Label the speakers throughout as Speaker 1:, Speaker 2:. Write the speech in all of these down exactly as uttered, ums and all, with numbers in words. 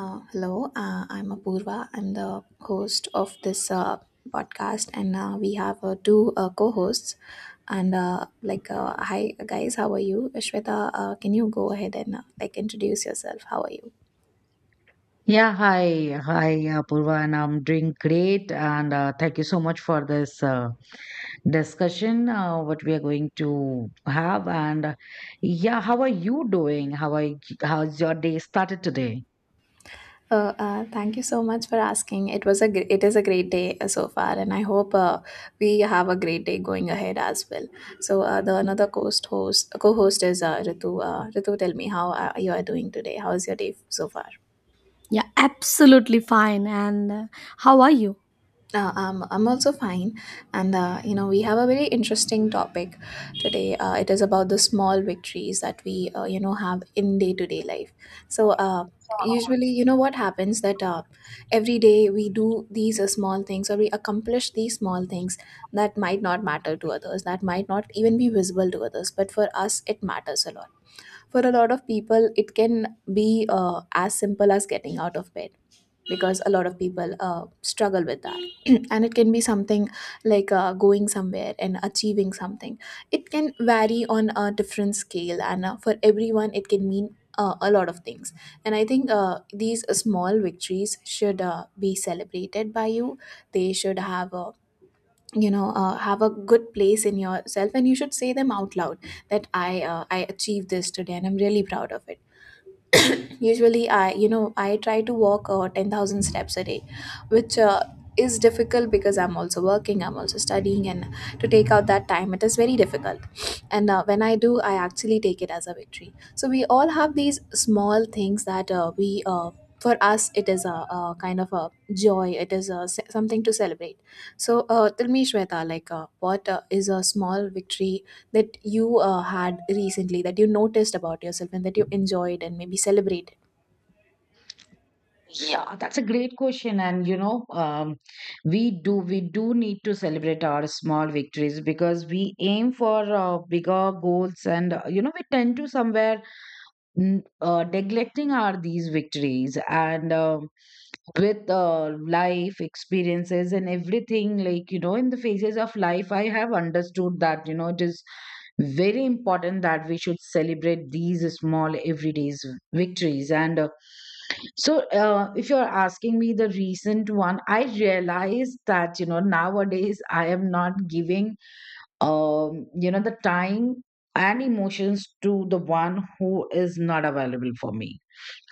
Speaker 1: Uh, hello, uh, I'm Apurva. I'm the host of this uh, podcast, and uh, we have uh, two uh, co-hosts. And uh, like, uh, hi guys, how are you? Shweta, uh, can you go ahead and uh, like introduce yourself? How are you?
Speaker 2: Yeah, hi. Hi, Apurva, and I'm doing great. And uh, thank you so much for this uh, discussion, uh, what we are going to have. And uh, yeah, how are you doing? How are you, how's your day started today?
Speaker 1: Uh, uh, thank you so much for asking. It was a gr- it is a great day uh, so far, and I hope uh, we have a great day going ahead as well. So uh, the another co-host host co-host is uh, Ritu. Uh, Ritu, tell me how uh, you are doing today. How is your day so far?
Speaker 3: Yeah, absolutely fine. And uh, how are you?
Speaker 1: Uh, I'm, I'm also fine. And, uh, you know, we have a very interesting topic today. Uh, it is about the small victories that we, uh, you know, have in day to day life. So, uh, usually, you know, what happens that uh, every day we do these uh, small things or we accomplish these small things that might not matter to others, that might not even be visible to others. But for us, it matters a lot. For a lot of people, it can be uh, as simple as getting out of bed because a lot of people uh, struggle with that and it can be something like uh, going somewhere and achieving something. It can vary on a different scale, and uh, for everyone it can mean uh, a lot of things. And I think uh, these small victories should uh, be celebrated by you. They should have a, you know, uh, have a good place in yourself, and you should say them out loud that i uh, i achieved this today and I'm really proud of it. Usually I, you know, I try to walk uh, ten thousand steps a day, which uh, is difficult because I'm also working, I'm also studying, and to take out that time it is very difficult. And uh, when I do, I actually take it as a victory. So we all have these small things that uh, we uh, for us it is a, a kind of a joy. It is a, s- something to celebrate. So uh, tell me, Shweta, like uh, what uh, is a small victory that you uh, had recently that you noticed about yourself and that you enjoyed and maybe celebrated?
Speaker 2: Yeah, that's a great question. And you know, um, we do we do need to celebrate our small victories because we aim for uh, bigger goals, and uh, you know, we tend to somewhere n- uh, neglecting our these victories and. Um with uh, life experiences and everything, like you know, in the phases of life I have understood that, you know, it is very important that we should celebrate these small everyday's victories. And uh, so uh, if you're asking me the recent one, I realize that, you know, nowadays I am not giving, um you know, the time and emotions to the one who is not available for me.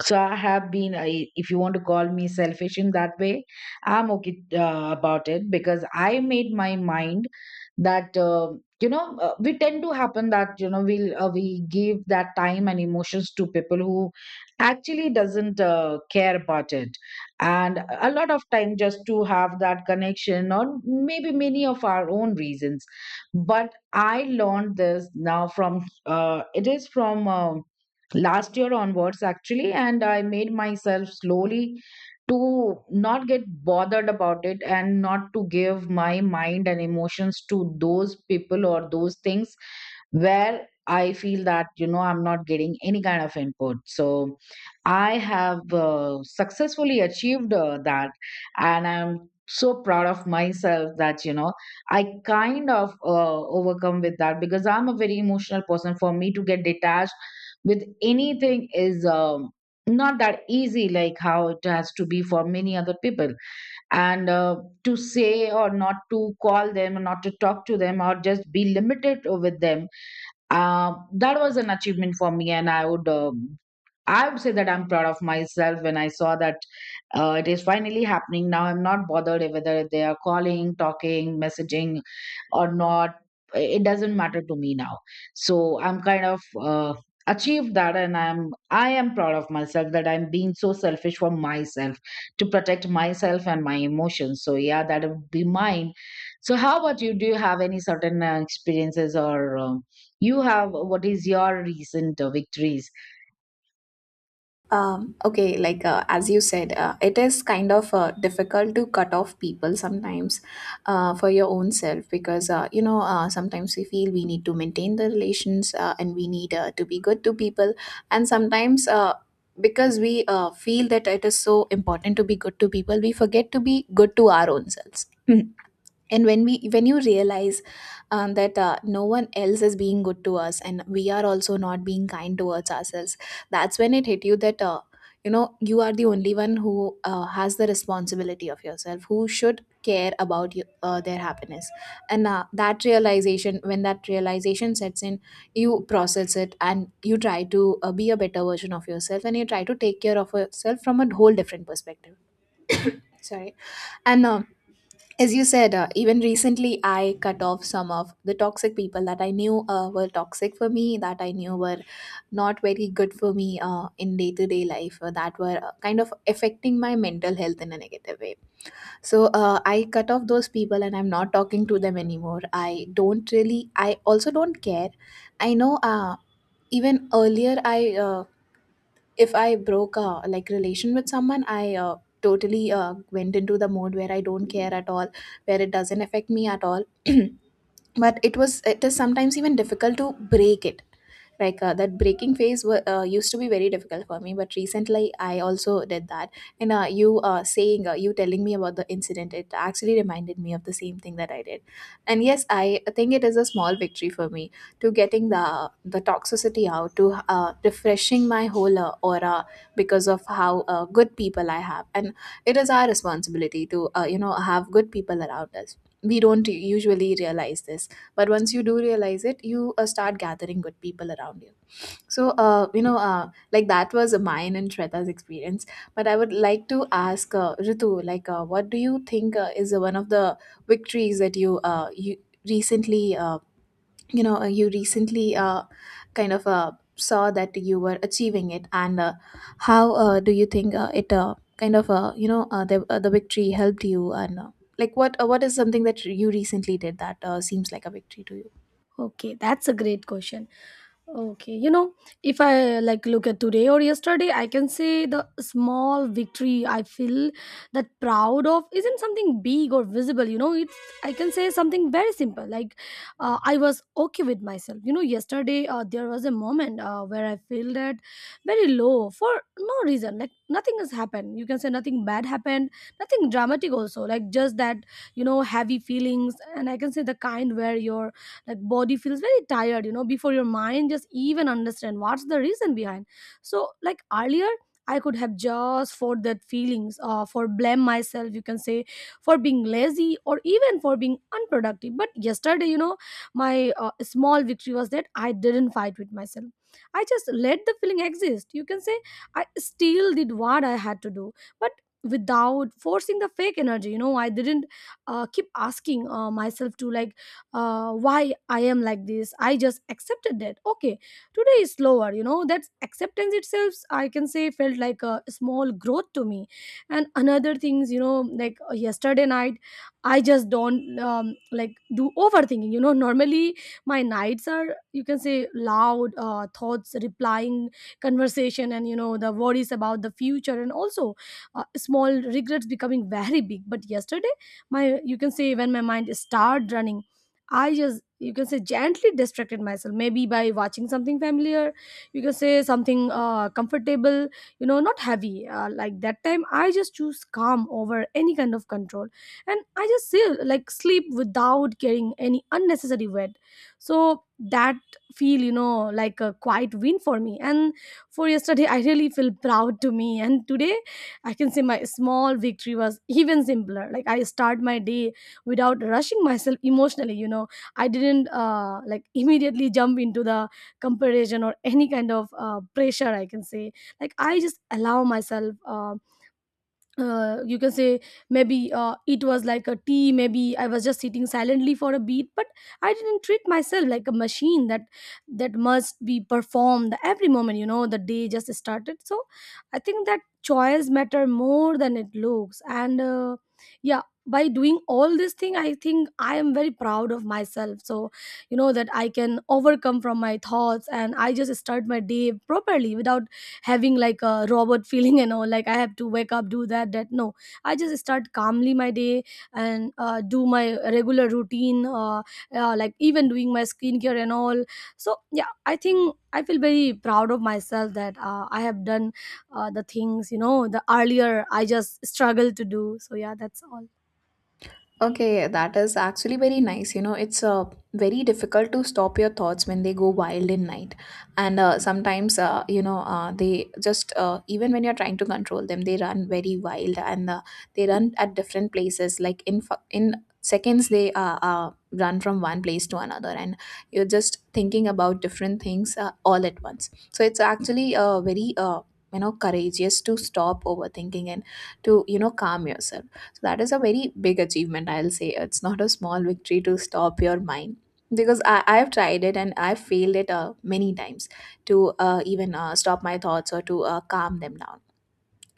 Speaker 2: So I have been, I, if you want to call me selfish in that way, I'm okay uh, about it because I made my mind that uh, you know, uh, we tend to happen that, you know, we'll uh, we give that time and emotions to people who actually doesn't uh, care about it, and a lot of time just to have that connection or maybe many of our own reasons. But I learned this now from, uh, it is from, um last year onwards actually, and I made myself slowly to not get bothered about it and not to give my mind and emotions to those people or those things where I feel that, you know, I'm not getting any kind of input. So I have uh, successfully achieved uh, that. And I'm so proud of myself that, you know, I kind of uh, overcome with that because I'm a very emotional person. For me to get detached with anything is um, not that easy, like how it has to be for many other people. And uh, to say or not to call them, or not to talk to them, or just be limited with them, uh, that was an achievement for me. And I would, um, I would say that I'm proud of myself when I saw that uh, it is finally happening. Now I'm not bothered whether they are calling, talking, messaging or not. It doesn't matter to me now. So I'm kind of uh, achieved that, and i'm i am proud of myself that I'm being so selfish for myself, to protect myself and my emotions. So yeah, that would be mine. So how about you? Do you have any certain uh, experiences, or um, you have, what is your recent uh, victories?
Speaker 1: Um, okay, like uh, as you said, uh, it is kind of uh, difficult to cut off people sometimes uh, for your own self, because uh, you know uh, sometimes we feel we need to maintain the relations, uh, and we need uh, to be good to people, and sometimes uh, because we uh, feel that it is so important to be good to people, we forget to be good to our own selves. And when we when you realize um, that uh, no one else is being good to us and we are also not being kind towards ourselves, that's when it hit you that uh, you know, you are the only one who uh, has the responsibility of yourself, who should care about you, uh, their happiness. And uh, that realization, when that realization sets in, you process it and you try to uh, be a better version of yourself, and you try to take care of yourself from a whole different perspective. Sorry. And um, as you said, uh, even recently I cut off some of the toxic people that I knew uh, were toxic for me, that I knew were not very good for me uh, in day to day life, uh, that were uh, kind of affecting my mental health in a negative way. So uh, I cut off those people and I'm not talking to them anymore. I don't really, I also don't care. I know uh, even earlier I. Uh, if I broke a like relation with someone, I uh, totally uh, went into the mode where I don't care at all, where it doesn't affect me at all. But it was it is sometimes even difficult to break it, like uh, that breaking phase wa- uh, used to be very difficult for me, but recently I also did that. And uh, you uh, saying uh, you telling me about the incident, it actually reminded me of the same thing that I did. And yes, I think it is a small victory for me to getting the the toxicity out, to uh, refreshing my whole uh, aura because of how uh, good people I have. And it is our responsibility to, uh, you know, have good people around us. We don't usually realize this, but once you do realize it, you uh, start gathering good people around you. So uh, you know uh, like that was mine and Shweta's experience, but I would like to ask uh, Ritu, like uh, what do you think uh, is one of the victories that you uh, you recently, uh, you know uh, you recently, uh, kind of uh, saw that you were achieving it and uh, how uh, do you think uh, it uh, kind of uh, you know, uh, the, uh, the victory helped you, and uh, like what uh, what is something that you recently did that uh, seems like a victory to you?
Speaker 3: Okay, that's a great question. Okay, you know, if I like look at today or yesterday, I can say the small victory I feel that proud of isn't something big or visible. You know, it's I can say something very simple. Like, uh, I was okay with myself. You know, yesterday uh, there was a moment uh, where I feel that very low for no reason. Like nothing has happened. You can say nothing bad happened, nothing dramatic also. Like just that you know heavy feelings, and I can say the kind where your like body feels very tired, you know, before your mind just even understand what's the reason behind. So like earlier I could have just for that feelings, uh, for blame myself, you can say, for being lazy or even for being unproductive. But yesterday, you know, my uh, small victory was that I didn't fight with myself. I just let the feeling exist. You can say I still did what I had to do, but without forcing the fake energy. You know, I didn't uh, keep asking uh, myself to like uh, why I am like this. I just accepted that okay, today is slower. You know, that acceptance itself I can say felt like a small growth to me. And another things, you know, like uh, yesterday night I just don't um, like do overthinking. You know, normally my nights are, you can say, loud uh, thoughts replying conversation, and you know, the worries about the future, and also uh, small regrets becoming very big. But yesterday my, you can say, when my mind started running, I just, you can say, gently distracted myself, maybe by watching something familiar, you can say something uh, comfortable, you know, not heavy. Uh, like that time, I just choose calm over any kind of control. And I just feel like sleep without carrying any unnecessary weight. So that feel, you know, like a quiet win for me. And for yesterday, I really feel proud to me. And today, I can say my small victory was even simpler. Like I start my day without rushing myself emotionally. You know, I didn't uh, like immediately jump into the comparison or any kind of uh, pressure, I can say. Like I just allow myself uh, uh, you can say, maybe uh, it was like a tea, maybe I was just sitting silently for a beat, but I didn't treat myself like a machine that that must be performed every moment. You know, the day just started. So I think that choice matter more than it looks. And uh, yeah, by doing all this thing, I think I am very proud of myself. So you know that I can overcome from my thoughts, and I just start my day properly without having like a robot feeling and all, like I have to wake up do that that. No, I just start calmly my day, and uh, do my regular routine, uh, uh, like even doing my skincare and all. So yeah, I think I feel very proud of myself that uh, I have done uh, the things, you know, the earlier I just struggled to do. So yeah, that's all.
Speaker 1: Okay, yeah, that is actually very nice. You know, it's uh, very difficult to stop your thoughts when they go wild in night. And uh, sometimes, uh, you know, uh, they just, uh, even when you're trying to control them, they run very wild, and uh, they run at different places. Like in, fu- in seconds, they uh, uh, run from one place to another. And you're just thinking about different things uh, all at once. So it's actually uh, very, uh, you know, courageous to stop overthinking and to, you know, calm yourself. So that is a very big achievement, I'll say. It's not a small victory to stop your mind, because I, I've tried it and I've failed it uh, many times to uh, even uh, stop my thoughts or to uh, calm them down.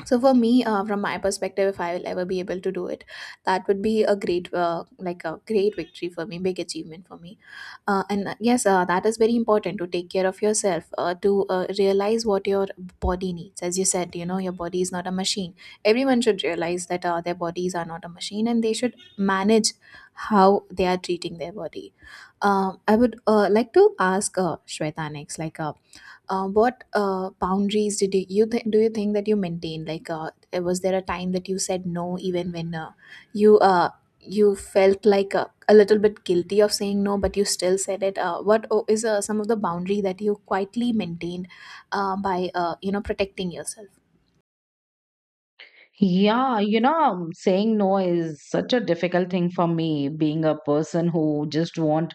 Speaker 1: So for me, uh, from my perspective, if I will ever be able to do it, that would be a great uh, like a great victory for me, big achievement for me. Uh, and uh, yes, uh, that is very important to take care of yourself, uh, to uh, realize what your body needs. As you said, you know, your body is not a machine. Everyone should realize that uh, their bodies are not a machine and they should manage how they are treating their body. um, I would uh, like to ask uh, Shweta next, like uh, uh, what uh, boundaries did you, you th- do you think that you maintained? Like, uh, was there a time that you said no, even when uh, you uh, you felt like a, a little bit guilty of saying no, but you still said it? Uh, what o- is uh, some of the boundary that you quietly maintained uh, by uh, you know, protecting yourself?
Speaker 2: Yeah, you know, saying no is such a difficult thing for me, being a person who just want,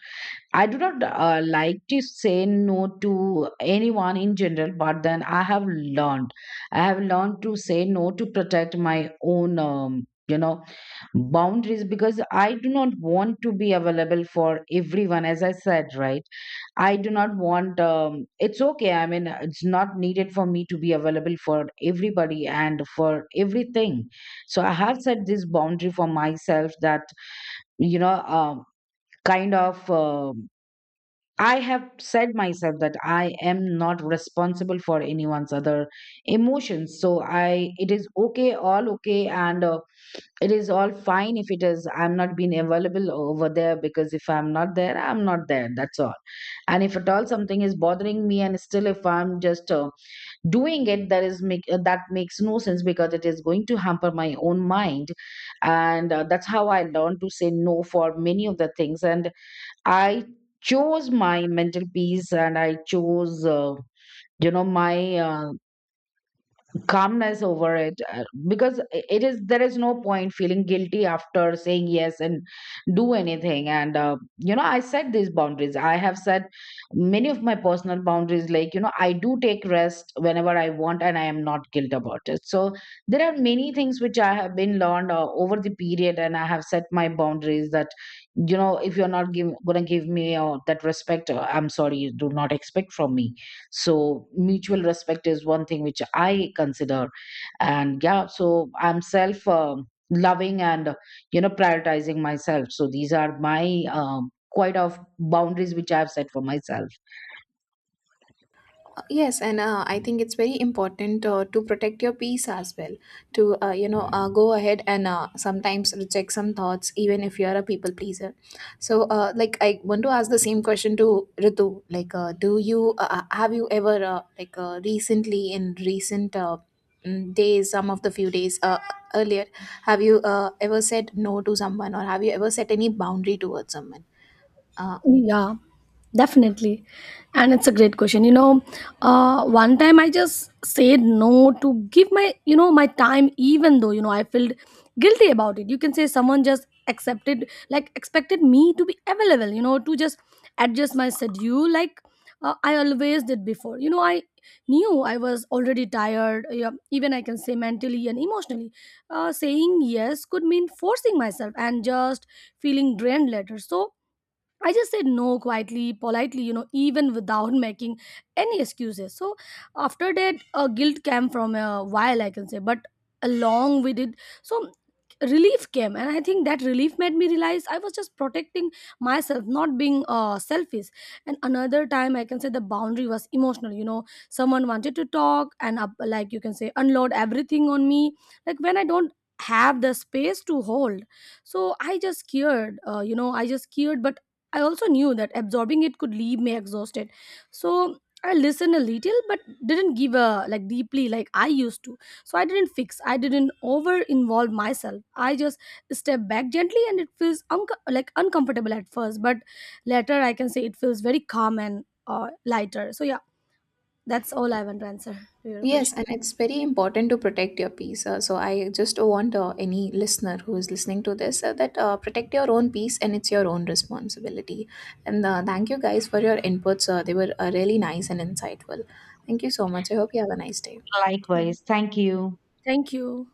Speaker 2: I do not uh, like to say no to anyone in general, but then I have learned. I have learned to say no to protect my own, um, you know, boundaries, because I do not want to be available for everyone, as I said, right? I do not want, um, it's okay. I mean, it's not needed for me to be available for everybody and for everything. So I have set this boundary for myself that, you know, um kind of, um I have said myself that I am not responsible for anyone's other emotions. So I, it is okay, all okay. And, uh, it is all fine. If it is, I'm not being available over there, because if I'm not there, I'm not there, that's all. And if at all something is bothering me and still if I'm just uh, doing it, that is make uh, that makes no sense because it is going to hamper my own mind. And uh, that's how I learned to say no for many of the things. And I chose my mental peace, and I chose, uh, you know, my uh, calmness over it, uh, because i- it is, there is no point feeling guilty after saying yes and do anything. And uh, you know, I set these boundaries. I have set many of my personal boundaries, like you know, I do take rest whenever I want, and I am not guilt about it. So there are many things which I have been learned uh, over the period, and I have set my boundaries that, you know, if you're not give, gonna give me uh, that respect, uh, I'm sorry, do not expect from me. So mutual respect is one thing which I consider. And yeah, so I'm self um loving and, you know, prioritizing myself. So these are my um, quite of boundaries which I've set for myself.
Speaker 1: Uh, Yes, and uh, I think it's very important uh, to protect your peace as well. To, uh, you know, uh, go ahead and uh, sometimes reject some thoughts, even if you are a people pleaser. So, uh, like, I want to ask the same question to Ritu. Like, uh, do you uh, uh, have you ever uh, like uh, recently, in recent uh, mm, days, some of the few days uh, earlier, have you uh, ever said no to someone, or have you ever set any boundary towards someone? Uh,
Speaker 3: Yeah, definitely. And it's a great question. You know, uh, one time I just said no to give my, you know, my time, even though, you know, I felt guilty about it. You can say someone just accepted, like, expected me to be available, you know, to just adjust my schedule like uh, I always did before. You know, I knew I was already tired, yeah, even I can say mentally and emotionally. Uh, saying yes could mean forcing myself and just feeling drained later. So, I just said no quietly, politely, you know, even without making any excuses. So after that, uh, guilt came from a while, I can say, but along with it, so relief came, and I think that relief made me realize I was just protecting myself, not being uh, selfish. And another time, I can say the boundary was emotional. You know, someone wanted to talk and up, like you can say, unload everything on me. Like when I don't have the space to hold. So I just cared, uh, you know, i just cared but I also knew that absorbing it could leave me exhausted. So I listened a little but didn't give a like deeply like I used to. So I didn't fix, I didn't over involve myself. I just step back gently, and it feels unco- like uncomfortable at first, but later I can say it feels very calm and uh, lighter. So yeah, that's all I want to answer to your
Speaker 1: Yes,
Speaker 3: question.
Speaker 1: and it's very important to protect your peace. Uh, so I just want uh, any listener who is listening to this uh, that uh, protect your own peace and it's your own responsibility. And uh, thank you guys for your inputs. Uh, they were uh, really nice and insightful. Thank you so much. I hope you have a nice day.
Speaker 3: Mhm.
Speaker 2: Likewise. Thank you.
Speaker 3: Thank you.